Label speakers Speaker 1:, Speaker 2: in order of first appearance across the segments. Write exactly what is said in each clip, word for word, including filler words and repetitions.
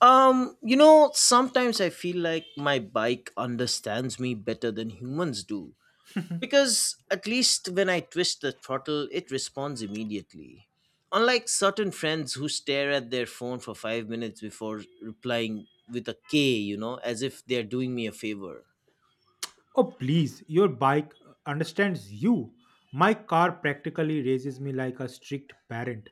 Speaker 1: Um, you know, sometimes I feel like my bike understands me better than humans do. Because at least when I twist the throttle, it responds immediately. Unlike certain friends who stare at their phone for five minutes before replying with a K, you know, as if they're doing me a favor.
Speaker 2: Oh, please, your bike understands you. My car practically raises me like a strict parent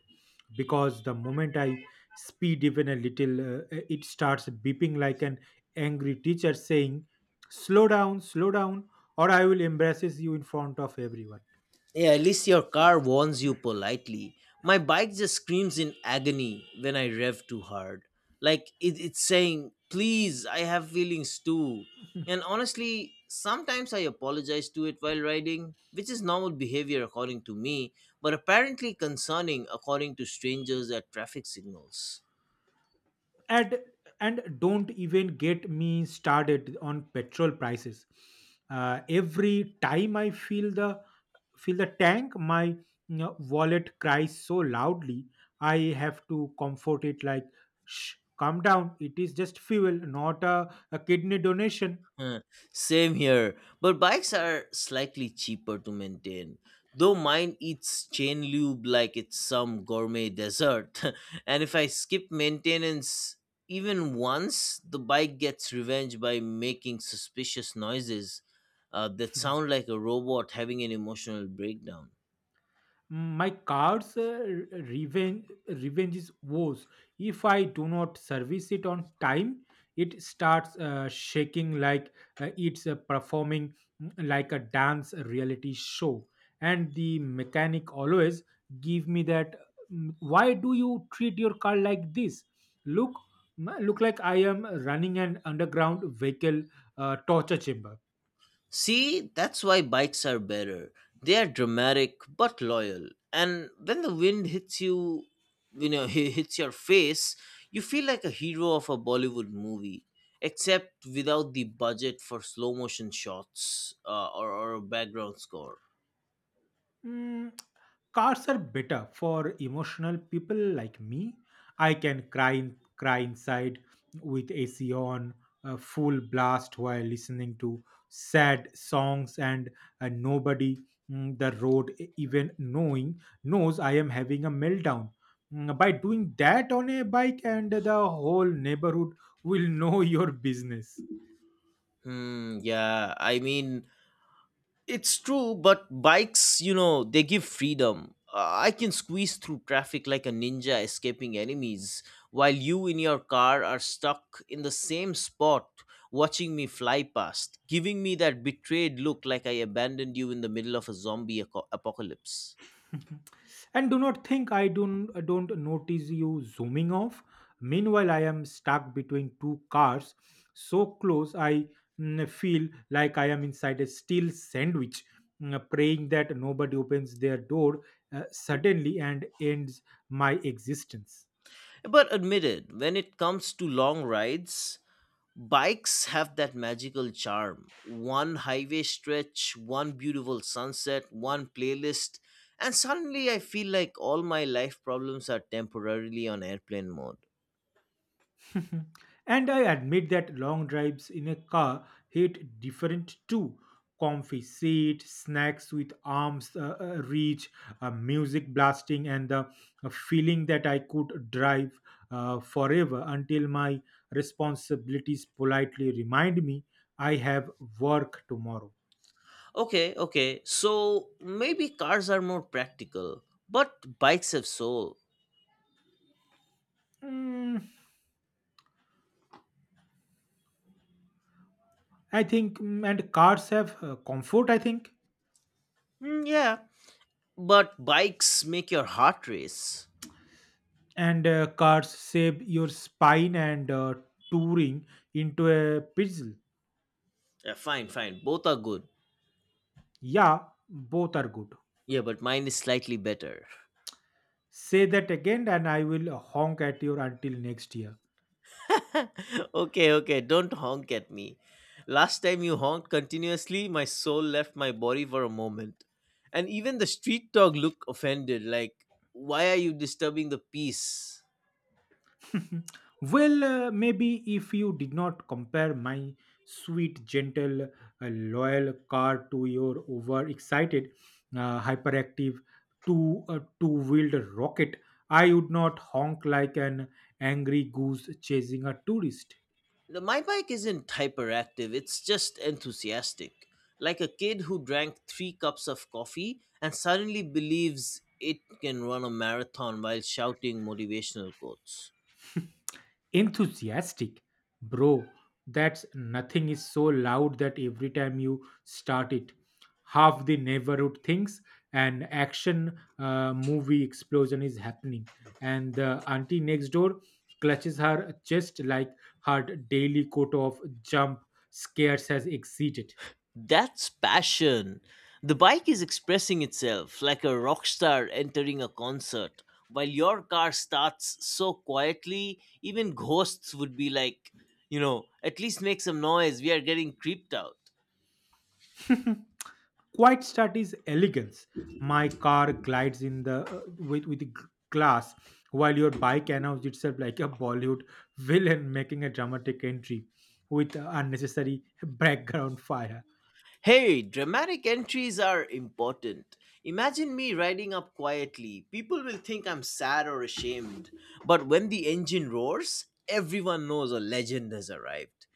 Speaker 2: because the moment I speed even a little, uh, it starts beeping like an angry teacher saying, "Slow down, slow down, or I will embarrass you in front of everyone."
Speaker 1: Yeah, at least your car warns you politely. My bike just screams in agony when I rev too hard. Like it, it's saying, please, I have feelings too. And honestly, sometimes I apologize to it while riding, which is normal behavior according to me, but apparently concerning according to strangers at traffic signals.
Speaker 2: and and don't even get me started on petrol prices. Uh, every time I feel the fill the tank, my you know, wallet cries so loudly I have to comfort it like, "Shh, calm down, it is just fuel, not a, a kidney donation."
Speaker 1: Huh, same here, but bikes are slightly cheaper to maintain. Though mine eats chain lube like it's some gourmet dessert, and if I skip maintenance even once, the bike gets revenge by making suspicious noises uh, that sound like a robot having an emotional breakdown.
Speaker 2: My car's uh, revenge, revenge is woes. If I do not service it on time, it starts uh, shaking like uh, it's uh, performing, mm, like a dance reality show. And the mechanic always give me that. mm, Why do you treat your car like this? Look, mm, look like I am running an underground vehicle uh, torture chamber.
Speaker 1: See, that's why bikes are better. They are dramatic but loyal. And when the wind hits you, you know, hits your face, you feel like a hero of a Bollywood movie, except without the budget for slow motion shots uh, or, or a background score.
Speaker 2: Mm, Cars are better for emotional people like me. I can cry in, cry inside with A C on, uh, full blast while listening to sad songs, and uh, nobody, mm, the road e- even knowing knows I am having a meltdown. Mm, By doing that on a bike, and the whole neighborhood will know your business.
Speaker 1: Hmm, yeah, I mean, it's true, but bikes, you know, they give freedom. Uh, I can squeeze through traffic like a ninja escaping enemies, while you in your car are stuck in the same spot watching me fly past, giving me that betrayed look like I abandoned you in the middle of a zombie aco- apocalypse.
Speaker 2: And do not think I don't, don't notice you zooming off. Meanwhile, I am stuck between two cars so close I mm, feel like I am inside a steel sandwich, mm, praying that nobody opens their door uh, suddenly and ends my existence.
Speaker 1: But admitted, when it comes to long rides, bikes have that magical charm. One highway stretch, one beautiful sunset, one playlist, and suddenly I feel like all my life problems are temporarily on airplane mode.
Speaker 2: Mhm. And I admit that long drives in a car hit different too. Comfy seat, snacks with arms uh, uh, reach, uh, music blasting, and the uh, feeling that I could drive uh, forever until my responsibilities politely remind me I have work tomorrow.
Speaker 1: Okay, okay, so maybe cars are more practical, but bikes have soul.
Speaker 2: Mm, I think, mm, and cars have uh, comfort, I think.
Speaker 1: Hmm, yeah, but bikes make your heart race.
Speaker 2: And uh, cars save your spine and uh, touring into a puzzle.
Speaker 1: Yeah, fine, fine, both are good.
Speaker 2: Yeah, both are good.
Speaker 1: Yeah, but mine is slightly better.
Speaker 2: Say that again, and I will honk at you until next year.
Speaker 1: Okay, okay, don't honk at me. Last time you honked continuously, my soul left my body for a moment. And even the street dog looked offended, like, why are you disturbing the peace?
Speaker 2: Well, uh, maybe if you did not compare my sweet, gentle, uh, loyal car to your overexcited, uh, hyperactive two uh, two-wheeled rocket, I would not honk like an angry goose chasing a tourist.
Speaker 1: The- My bike isn't hyperactive, it's just enthusiastic. Like a kid who drank three cups of coffee and suddenly believes it can run a marathon while shouting motivational quotes.
Speaker 2: Enthusiastic, bro? That's nothing is so loud that every time you start it, half the neighborhood thinks an action uh, movie explosion is happening, and the auntie next door clutches her chest like her daily quota of jump scares has exceeded.
Speaker 1: That's passion. The bike is expressing itself like a rock star entering a concert. While your car starts so quietly, even ghosts would be like, you know, at least make some noise. We are getting creeped out.
Speaker 2: Quiet start is elegance. My car glides in the uh, with with the g- glass, while your bike announces itself like a Bollywood villain making a dramatic entry with unnecessary background fire.
Speaker 1: Hey, dramatic entries are important. Imagine me riding up quietly. People will think I'm sad or ashamed. But when the engine roars, everyone knows a legend has arrived.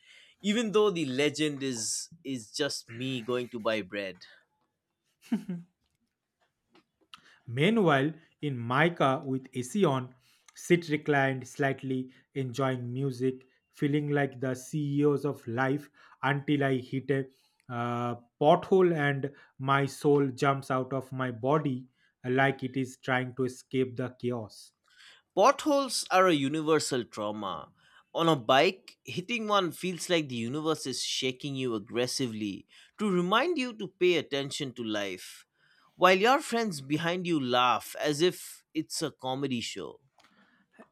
Speaker 1: Even though the legend is is just me going to buy bread.
Speaker 2: Meanwhile, in Micah with Esion, sit reclined slightly, enjoying music, feeling like the C E Os of life until I hit a uh, pothole and my soul jumps out of my body like it is trying to escape the chaos.
Speaker 1: Potholes are a universal trauma. On a bike, hitting one feels like the universe is shaking you aggressively to remind you to pay attention to life, while your friends behind you laugh as if it's a comedy show.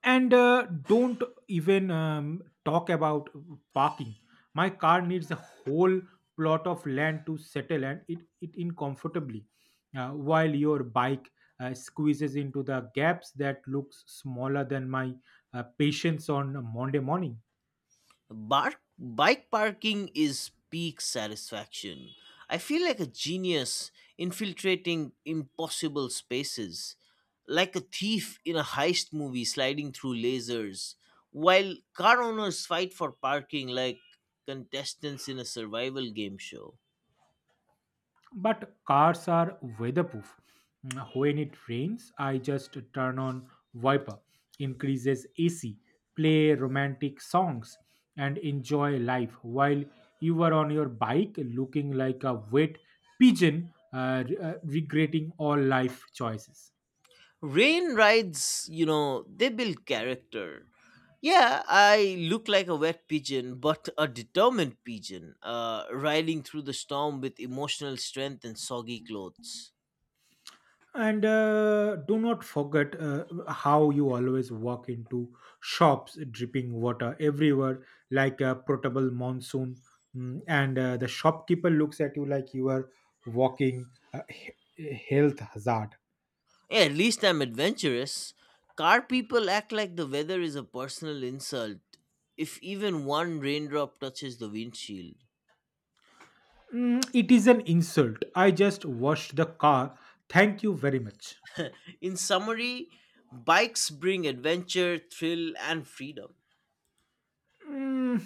Speaker 2: And uh, don't even um, talk about parking. My car needs a whole plot of land to settle and it, it in comfortably, uh, while your bike uh, squeezes into the gaps that looks smaller than my uh, patience on a Monday morning.
Speaker 1: Bar- bike parking is peak satisfaction. I feel like a genius infiltrating impossible spaces, like a thief in a heist movie sliding through lasers, while car owners fight for parking like contestants in a survival game show.
Speaker 2: But cars are weatherproof. Mm, When it rains, I just turn on wiper, increases A C, play romantic songs, and enjoy life while you are on your bike looking like a wet pigeon, uh, re- uh, regretting all life choices.
Speaker 1: Rain rides, you know, they build character. Yeah, I look like a wet pigeon, but a determined pigeon, uh, riding through the storm with emotional strength and soggy clothes.
Speaker 2: And uh, do not forget uh, how you always walk into shops dripping water everywhere like a portable monsoon. Mm, and uh, the shopkeeper looks at you like you are walking uh, he- health hazard.
Speaker 1: Yeah, at least I'm adventurous. Car people act like the weather is a personal insult if even one raindrop touches the windshield.
Speaker 2: Mm, it is an insult, I just washed the car, thank you very much.
Speaker 1: In summary, bikes bring adventure, thrill, and freedom.
Speaker 2: Mm,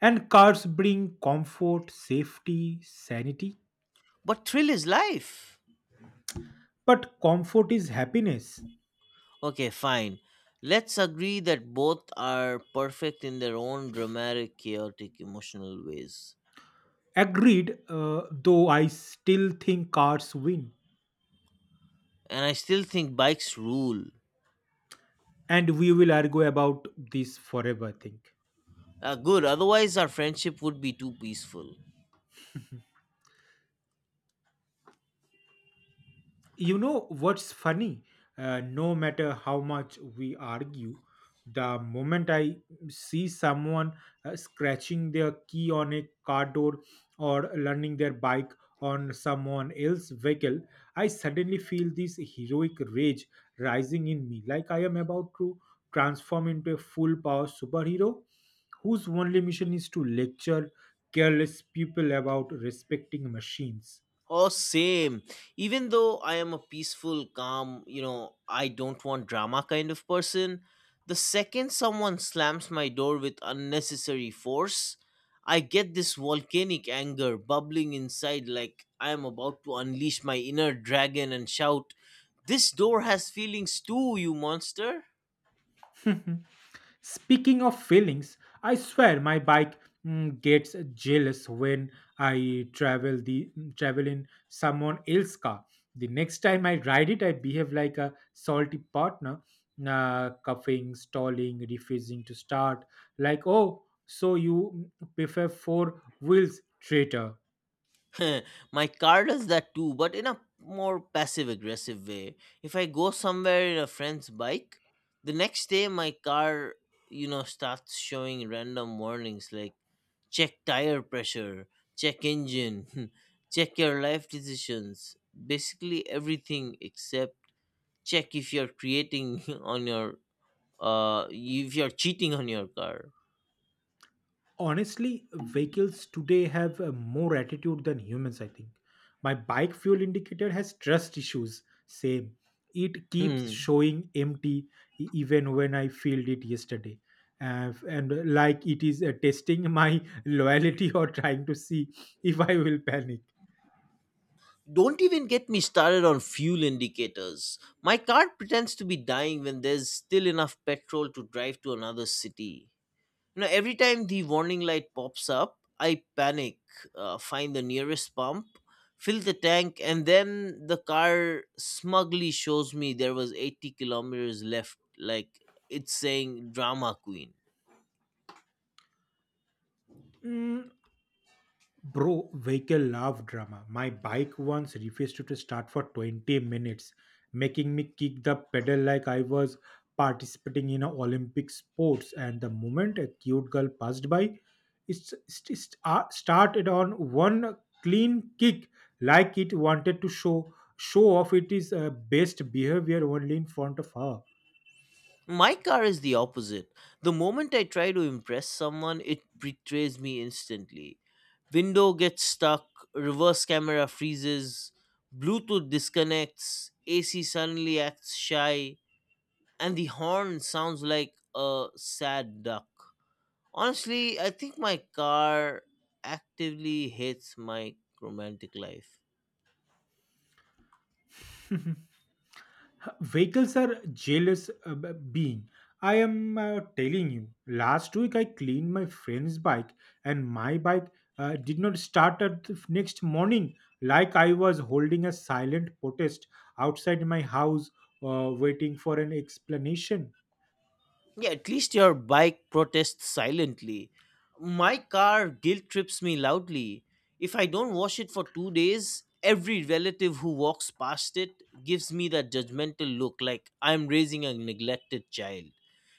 Speaker 2: and cars bring comfort, safety, sanity.
Speaker 1: But thrill is life.
Speaker 2: But comfort is happiness.
Speaker 1: Okay, fine. Let's agree that both are perfect in their own dramatic, chaotic, emotional ways.
Speaker 2: Agreed, uh, though I still think cars win.
Speaker 1: And I still think bikes rule.
Speaker 2: And we will argue about this forever, I think.
Speaker 1: Uh, good, otherwise, our friendship would be too peaceful.
Speaker 2: You know what's funny? Uh, no matter how much we argue, the moment I see someone uh, scratching their key on a car door or landing their bike on someone else's vehicle, I suddenly feel this heroic rage rising in me, like I am about to transform into a full power superhero whose only mission is to lecture careless people about respecting machines.
Speaker 1: Oh, same. Even though I am a peaceful, calm, you know, I don't want drama kind of person, the second someone slams my door with unnecessary force, I get this volcanic anger bubbling inside like I am about to unleash my inner dragon and shout, This door has feelings too, you monster!
Speaker 2: Speaking of feelings, I swear my bike mm, gets jealous when I travel the mm, travel in someone else's car. The next time I ride it, I behave like a salty partner, uh, coughing, stalling, refusing to start. Like, "Oh, so you, mm, prefer four wheels, traitor."
Speaker 1: My car does that too, but in a more passive aggressive way. If I go somewhere in a friend's bike, the next day my car, you know, starts showing random warnings like check tire pressure, check engine, check your life decisions, basically everything except check if you're creating on your uh if you're cheating on your car.
Speaker 2: Honestly, vehicles today have uh, more attitude than humans, I think. My bike fuel indicator has trust issues. Same. It keeps showing empty e- even when I filled it yesterday. Uh, and uh, like it is uh, testing my loyalty or trying to see if I will panic.
Speaker 1: Don't even get me started on fuel indicators. My car pretends to be dying when there's still enough petrol to drive to another city. You know, every time the warning light pops up, I panic, uh, find the nearest pump, fill the tank, and then the car smugly shows me there was eighty kilometers left, like it's saying drama queen.
Speaker 2: Mm, Bro, vehicle love drama. My bike once refused to start for twenty minutes, making me kick the pedal like I was participating in a Olympic sports. And the moment a cute girl passed by, it st- st- uh, started on one clean kick, like it wanted to show show off it is uh, best behavior only in front of her.
Speaker 1: My car is the opposite. The moment I try to impress someone, it betrays me instantly. Window gets stuck, reverse camera freezes, Bluetooth disconnects, A C suddenly acts shy, and the horn sounds like a sad duck. Honestly, I think my car actively hates my romantic life.
Speaker 2: Vehicles are jealous, uh, b- being, I am uh, telling you, last week I cleaned my friend's bike and my bike uh, did not start at the f- next morning, like I was holding a silent protest outside my house, uh, waiting for an explanation.
Speaker 1: Yeah, at least your bike protests silently. My car guilt trips me loudly. If I don't wash it for two days, every relative who walks past it gives me that judgmental look like I'm raising a neglected child.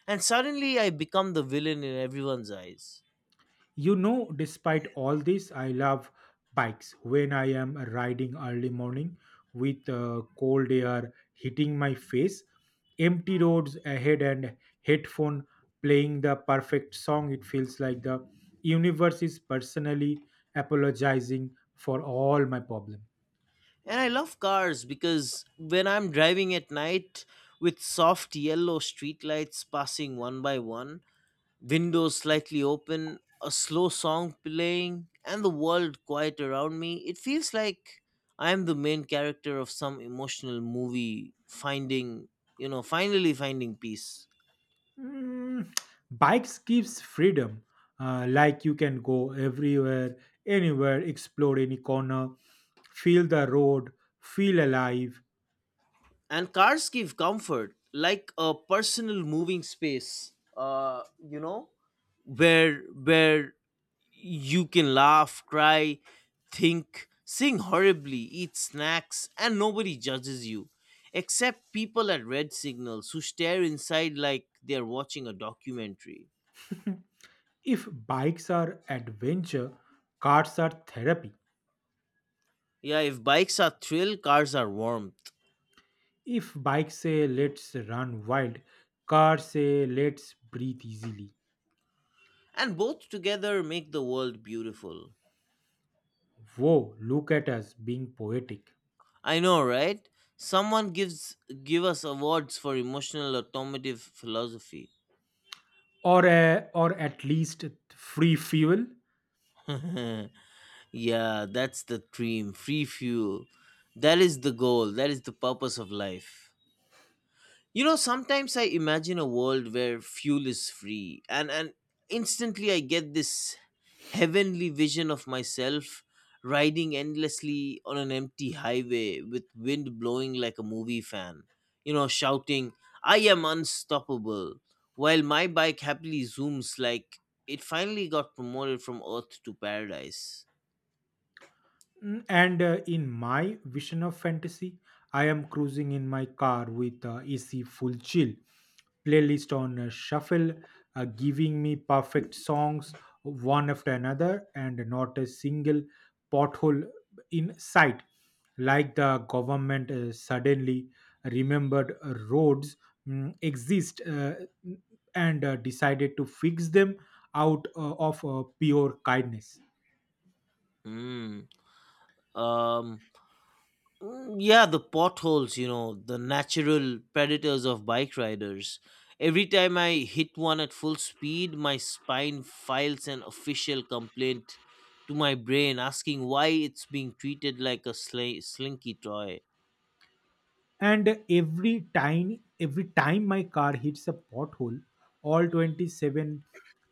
Speaker 1: And suddenly I become the villain in everyone's eyes.
Speaker 2: You know, despite all this, I love bikes. When I am riding early morning with uh, cold air hitting my face, empty roads ahead, and headphone playing the perfect song, it feels like the universe is personally apologizing for all my problem.
Speaker 1: And I love cars because when I'm driving at night with soft yellow streetlights passing one by one, windows slightly open, a slow song playing, and the world quiet around me. It feels like I am the main character of some emotional movie, finding, you know, finally finding peace.
Speaker 2: Mm, Bikes gives freedom. Uh, like you can go everywhere, anywhere, explore any corner, feel the road, feel alive.
Speaker 1: And cars give comfort, like a personal moving space where where you can laugh, cry, think, sing horribly, eat snacks, and nobody judges you. Except people at red signals who stare inside like they're watching a documentary.
Speaker 2: If bikes are adventure, cars are therapy.
Speaker 1: Yeah, if bikes are thrill, cars are warmth.
Speaker 2: If bikes say let's run wild, cars say let's breathe easily.
Speaker 1: And both together make the world beautiful.
Speaker 2: Whoa, look at us being poetic.
Speaker 1: I know, right? Someone gives give us awards for emotional automotive philosophy.
Speaker 2: Or, a, or at least free fuel.
Speaker 1: Yeah, that's the dream. Free fuel. That is the goal. That is the purpose of life. You know, sometimes I imagine a world where fuel is free and and instantly I get this heavenly vision of myself riding endlessly on an empty highway with wind blowing like a movie fan. You know, shouting, "I am unstoppable," while my bike happily zooms like it finally got promoted from earth to paradise.
Speaker 2: Mm, And uh, in my vision of fantasy, I am cruising in my car with uh, A C full chill, playlist on uh, shuffle, uh, giving me perfect songs one after another, and not a single pothole in sight. Like the government uh, suddenly remembered uh, roads mm, exist, uh, and uh, decided to fix them out uh, of uh, pure kindness.
Speaker 1: Hmm. Um, mm, yeah, the potholes, you know, the natural predators of bike riders. Every time I hit one at full speed, my spine files an official complaint to my brain asking why it's being treated like a sli- slinky toy.
Speaker 2: And every time every time my car hits a pothole, all twenty-seven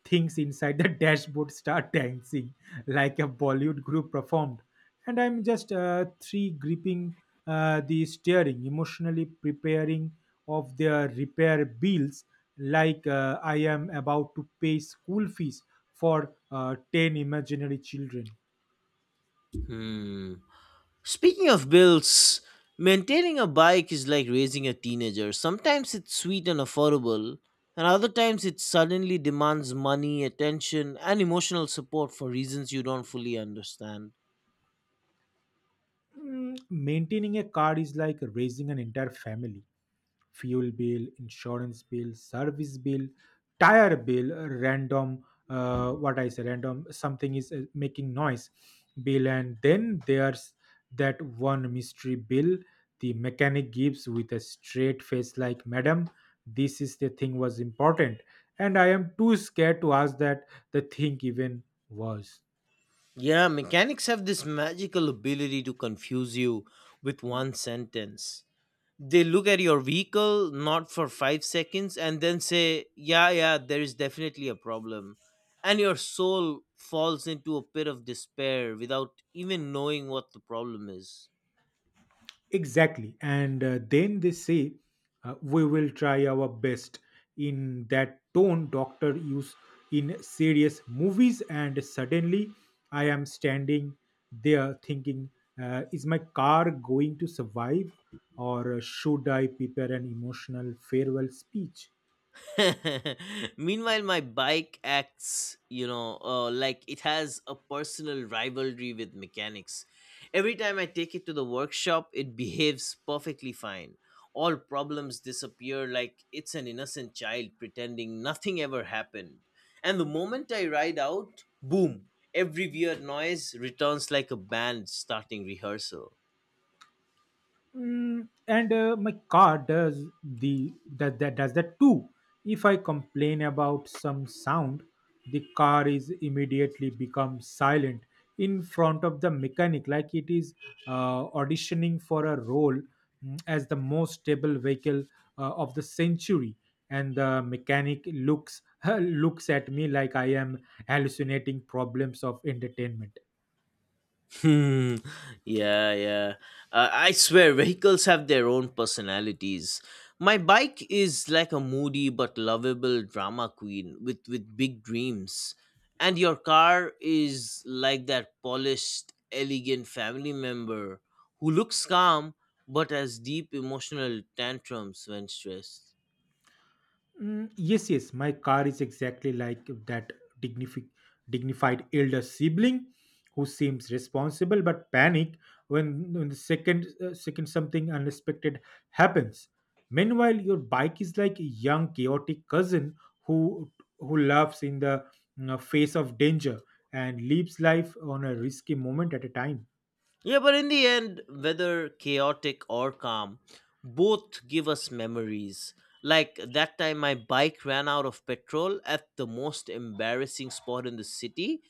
Speaker 2: things inside the dashboard start dancing like a Bollywood group performed, and I'm just uh, three gripping uh, the steering emotionally, preparing of their repair bills like uh, I am about to pay school fees for uh, ten imaginary children.
Speaker 1: Hmm. Speaking of bills, maintaining a bike is like raising a teenager. Sometimes it's sweet and affordable, and other times it suddenly demands money, attention, and emotional support for reasons you don't fully understand.
Speaker 2: Mm, maintaining a car is like raising an entire family: fuel bill, insurance bill, service bill, tire bill, random, uh, what I say, random something is uh, making noise bill. And then there's that one mystery bill the mechanic gives with a straight face like, "Madam, this is the thing was important," and I am too scared to ask that the thing even was.
Speaker 1: Yeah, mechanics have this magical ability to confuse you with one sentence. They look at your vehicle not for five seconds and then say, yeah, yeah, there is definitely a problem. And your soul falls into a pit of despair without even knowing what the problem is.
Speaker 2: Exactly. And uh, then they say, uh, "We will try our best," in that tone doctor use in serious movies. And suddenly I am standing there thinking, uh, is my car going to survive or should I prepare an emotional farewell speech?
Speaker 1: Meanwhile, my bike acts, you know, uh, like it has a personal rivalry with mechanics. Every time I take it to the workshop, it behaves perfectly fine. All problems disappear like it's an innocent child pretending nothing ever happened. And the moment I ride out, boom, every weird noise returns like a band starting rehearsal.
Speaker 2: Mm, and uh, my car does the that, that does that too. If I complain about some sound, the car is immediately become silent in front of the mechanic like it is uh, auditioning for a role, mm, as the most stable vehicle uh, of the century. And the mechanic looks looks at me like I am hallucinating problems of entertainment.
Speaker 1: Hmm. Yeah, yeah. Uh, I swear, vehicles have their own personalities. My bike is like a moody but lovable drama queen with, with big dreams. And your car is like that polished, elegant family member who looks calm but has deep emotional tantrums when stressed.
Speaker 2: Mm, yes, yes, my car is exactly like that dignifi- dignified elder sibling who seems responsible but panic when, when the second uh, second something unexpected happens. Meanwhile, your bike is like a young chaotic cousin who who laughs in the you face of danger and lives life on a risky moment at a time.
Speaker 1: Yeah, but in the end, whether chaotic or calm, both give us memories. Like that time my bike ran out of petrol at the most embarrassing spot in the city,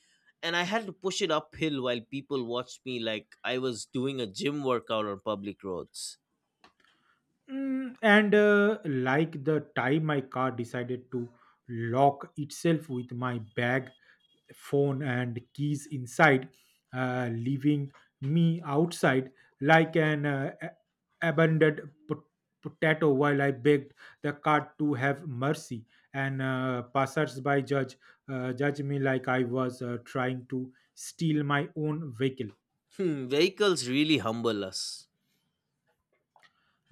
Speaker 1: and I had to push it uphill while people watched me like I was doing a gym workout on public roads.
Speaker 2: Mm, and uh, like the time my car decided to lock itself with my bag, phone, and keys inside, uh, leaving me outside like an uh, a- abandoned pot- potato, while I begged the God to have mercy. And uh, passersby judge, uh, judge me like I was uh, trying to steal my own vehicle.
Speaker 1: Hmm, vehicles really humble us.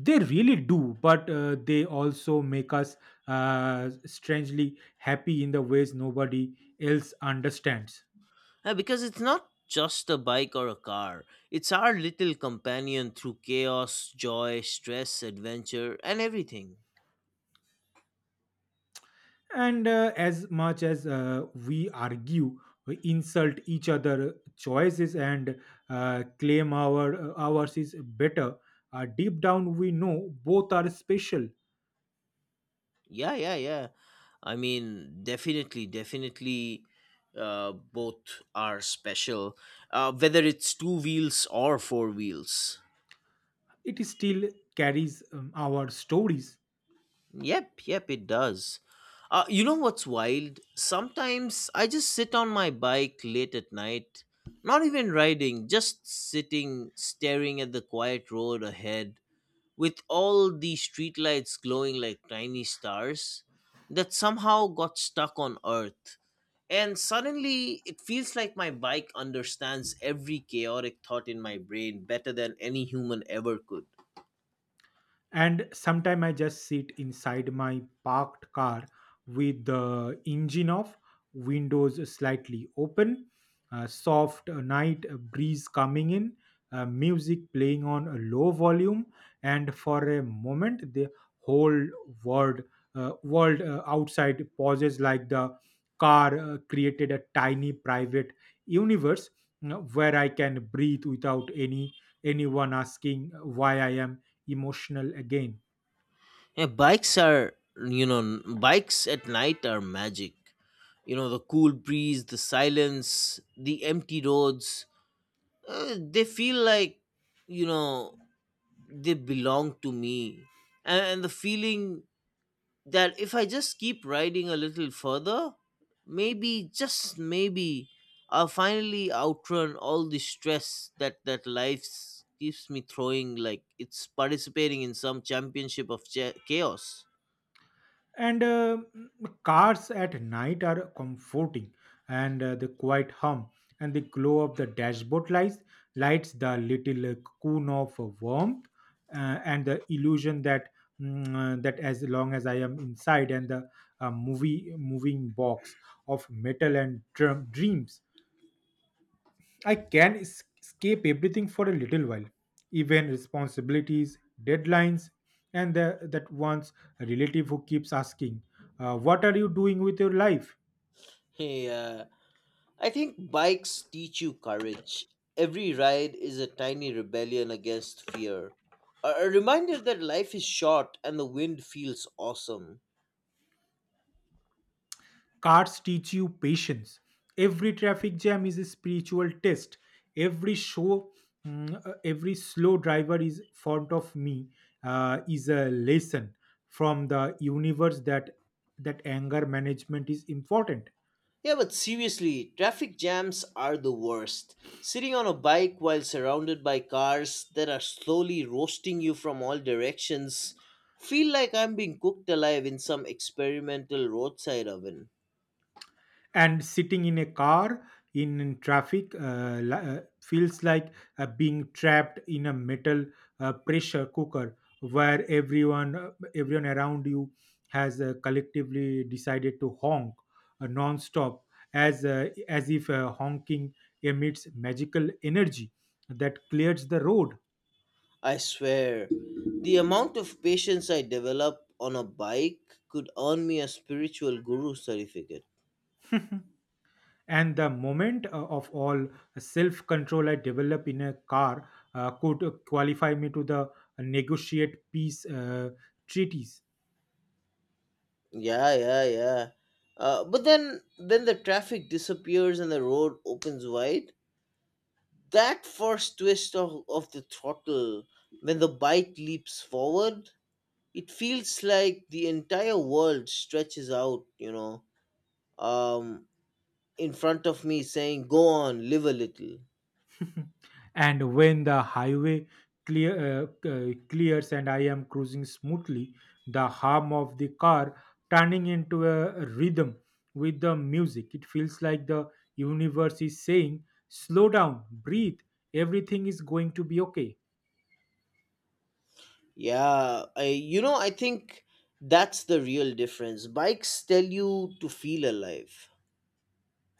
Speaker 2: They really do, but uh, they also make us uh, strangely happy in the ways nobody else understands.
Speaker 1: Uh, because it's not just a bike or a car, it's our little companion through chaos, joy, stress, adventure, and everything.
Speaker 2: And uh, as much as uh, we argue, we insult each other choices and uh, claim our uh, ours is better. Uh, deep down, we know both are special.
Speaker 1: Yeah, yeah, yeah. I mean, definitely, definitely, uh, both are special. Uh, whether it's two wheels or four wheels.
Speaker 2: It still carries um, our stories.
Speaker 1: Yep, yep, it does. Uh, you know what's wild? Sometimes I just sit on my bike late at night, not even riding, just sitting, staring at the quiet road ahead with all the streetlights glowing like tiny stars that somehow got stuck on Earth. And suddenly, it feels like my bike understands every chaotic thought in my brain better than any human ever could.
Speaker 2: And sometime I just sit inside my parked car with the engine off, windows slightly open, a soft night breeze coming in, uh, music playing on a low volume. And for a moment the whole world uh, world uh, outside pauses, like the car uh, created a tiny private universe, you know, where I can breathe without any anyone asking why I am emotional again.
Speaker 1: Yeah, bikes are, you know, n- bikes at night are magic. You know, the cool breeze, the silence, the empty roads, uh, they feel like, you know, they belong to me. And, and the feeling that if I just keep riding a little further, maybe, just maybe, I'll finally outrun all the stress that, that life s- keeps me throwing like it's participating in some championship of cha- chaos.
Speaker 2: And uh, cars at night are comforting, and uh, the quiet hum and the glow of the dashboard lights, lights the little uh, cocoon of warmth, uh, and the illusion that mm, uh, that as long as I am inside and the uh, movie moving box of metal and drum, dreams, I can es- escape everything for a little while, even responsibilities, deadlines, and the, that one's relative who keeps asking, uh, "What are you doing with your life?"
Speaker 1: Hey, uh, I think bikes teach you courage. Every ride is a tiny rebellion against fear. A a reminder that life is short and the wind feels awesome.
Speaker 2: Cars teach you patience. Every traffic jam is a spiritual test. Every show, mm, uh, every slow driver is in front of me uh, is a lesson from the universe that that anger management is important.
Speaker 1: Yeah, but seriously, traffic jams are the worst. Sitting on a bike while surrounded by cars that are slowly roasting you from all directions feel like I'm being cooked alive in some experimental roadside oven.
Speaker 2: And sitting in a car in traffic uh, li- uh, feels like uh, being trapped in a metal uh, pressure cooker, where everyone uh, everyone around you has uh, collectively decided to honk uh, non-stop, as uh, as if uh, honking emits magical energy that clears the road.
Speaker 1: I swear, the amount of patience I develop on a bike could earn me a spiritual guru certificate.
Speaker 2: And the moment uh, of all self control I develop in a car uh, could qualify me to the negotiate peace uh, treaties.
Speaker 1: Yeah, yeah, yeah. Uh, but then, then the traffic disappears and the road opens wide. That first twist of, of the throttle, when the bike leaps forward, it feels like the entire world stretches out, you know, um, in front of me saying, go on, live a little.
Speaker 2: And when the highway clear uh, uh, clears and I am cruising smoothly, the hum of the car turning into a rhythm with the music, it feels like the universe is saying, "Slow down, breathe, everything is going to be okay."
Speaker 1: Yeah, I, you know, I think that's the real difference. Bikes tell you to feel alive.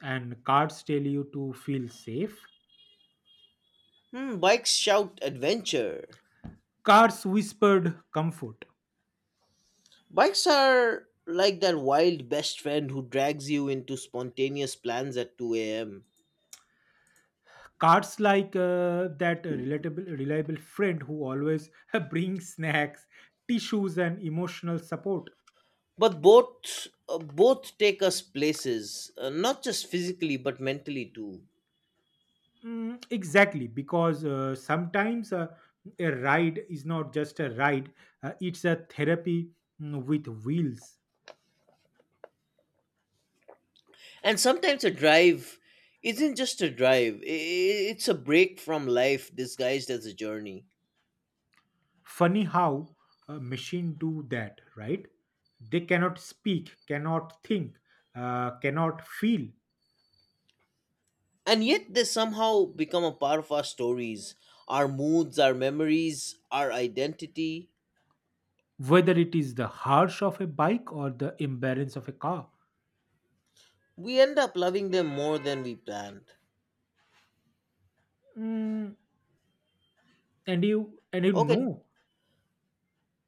Speaker 2: And cards tell you to feel safe.
Speaker 1: Hmm, bikes shout adventure.
Speaker 2: Cars whispered comfort.
Speaker 1: Bikes are like that wild best friend who drags you into spontaneous plans at two a m
Speaker 2: Cars like uh, that relatable, reliable friend who always brings snacks, tissues, and emotional support.
Speaker 1: But both uh, both take us places uh, not just physically but mentally too.
Speaker 2: Mm, exactly, because uh, sometimes uh, a ride is not just a ride, uh, it's a therapy, mm, with wheels.
Speaker 1: And sometimes a drive isn't just a drive, i- i- it's a break from life disguised as a journey.
Speaker 2: Funny how a machine do that, right? They cannot speak, cannot think, uh, cannot feel,
Speaker 1: And yet they somehow become a part of our stories, our moods, our memories, our identity.
Speaker 2: whether it is the harsh of a bike or the embarrass of a car.
Speaker 1: We end up loving them more than we planned.
Speaker 2: Mm, and you, and you
Speaker 1: Okay,
Speaker 2: know,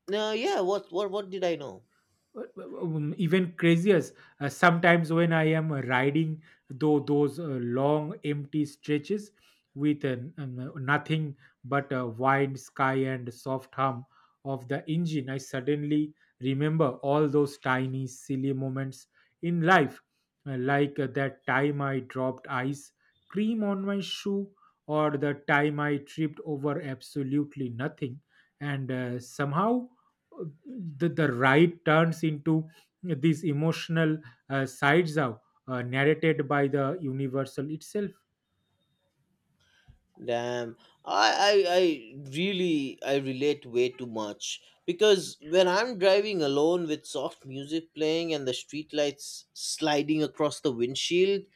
Speaker 1: now, yeah, what what what did I know?
Speaker 2: um, even crazier, uh, sometimes when I am uh, riding though those uh, long empty stretches with uh, n- um, uh, nothing but a wide sky and soft hum of the engine, I suddenly remember all those tiny silly moments in life, uh, like uh, that time I dropped ice cream on my shoe, or the time I tripped over absolutely nothing. And uh, somehow the, the right turns into these emotional uh, sides out, uh, narrated by the universal itself.
Speaker 1: Damn, I, I I really I relate way too much because when I'm driving alone with soft music playing and the streetlights sliding across the windshield,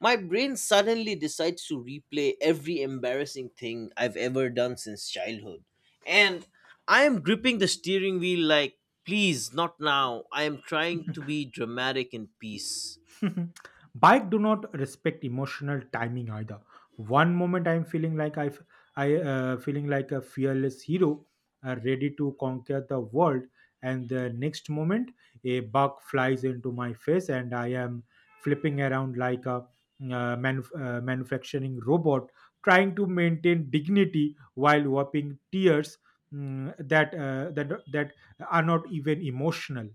Speaker 1: my brain suddenly decides to replay every embarrassing thing I've ever done since childhood. And I am gripping the steering wheel like, please, not now. I am trying to be dramatic in peace.
Speaker 2: Bike do not respect emotional timing either. One moment I'm feeling like i f- i uh, feeling like a fearless hero, uh, ready to conquer the world, and the next moment a bug flies into my face and I am flipping around like a uh, manuf- uh, manufacturing robot, trying to maintain dignity while wiping tears, mm, that uh, that that are not even emotional.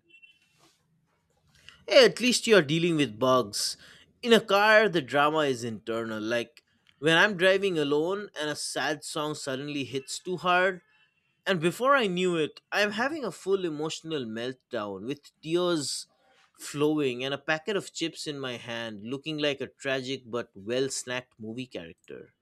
Speaker 1: Hey, at least you are dealing with bugs. In a car, the drama is internal. Like when I'm driving alone and a sad song suddenly hits too hard, and before I knew it, I'm having a full emotional meltdown with tears flowing and a packet of chips in my hand, looking like a tragic but well snacked movie character.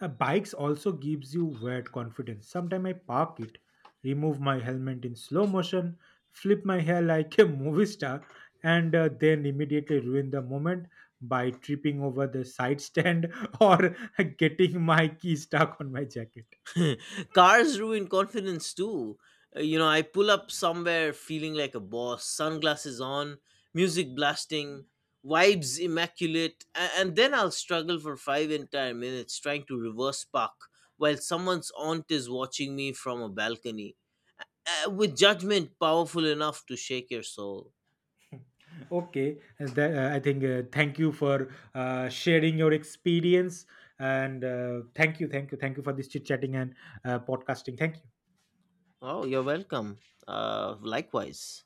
Speaker 2: Uh, bikes also gives you weird confidence. Sometimes I park it, remove my helmet in slow motion, flip my hair like a movie star, and uh, then immediately ruin the moment by tripping over the side stand or getting my key stuck on my jacket.
Speaker 1: Cars ruin confidence too. Uh, You know, I pull up somewhere feeling like a boss, sunglasses on, music blasting, vibes immaculate, a- and then I'll struggle for five entire minutes trying to reverse park while someone's aunt is watching me from a balcony. Uh, with judgment powerful enough to shake your soul.
Speaker 2: Okay, and that, uh, I think uh, thank you for uh, sharing your experience, and uh, thank you, thank you, thank you for this chit chatting and uh, podcasting. Thank you.
Speaker 1: Oh, you're welcome. Uh, Likewise.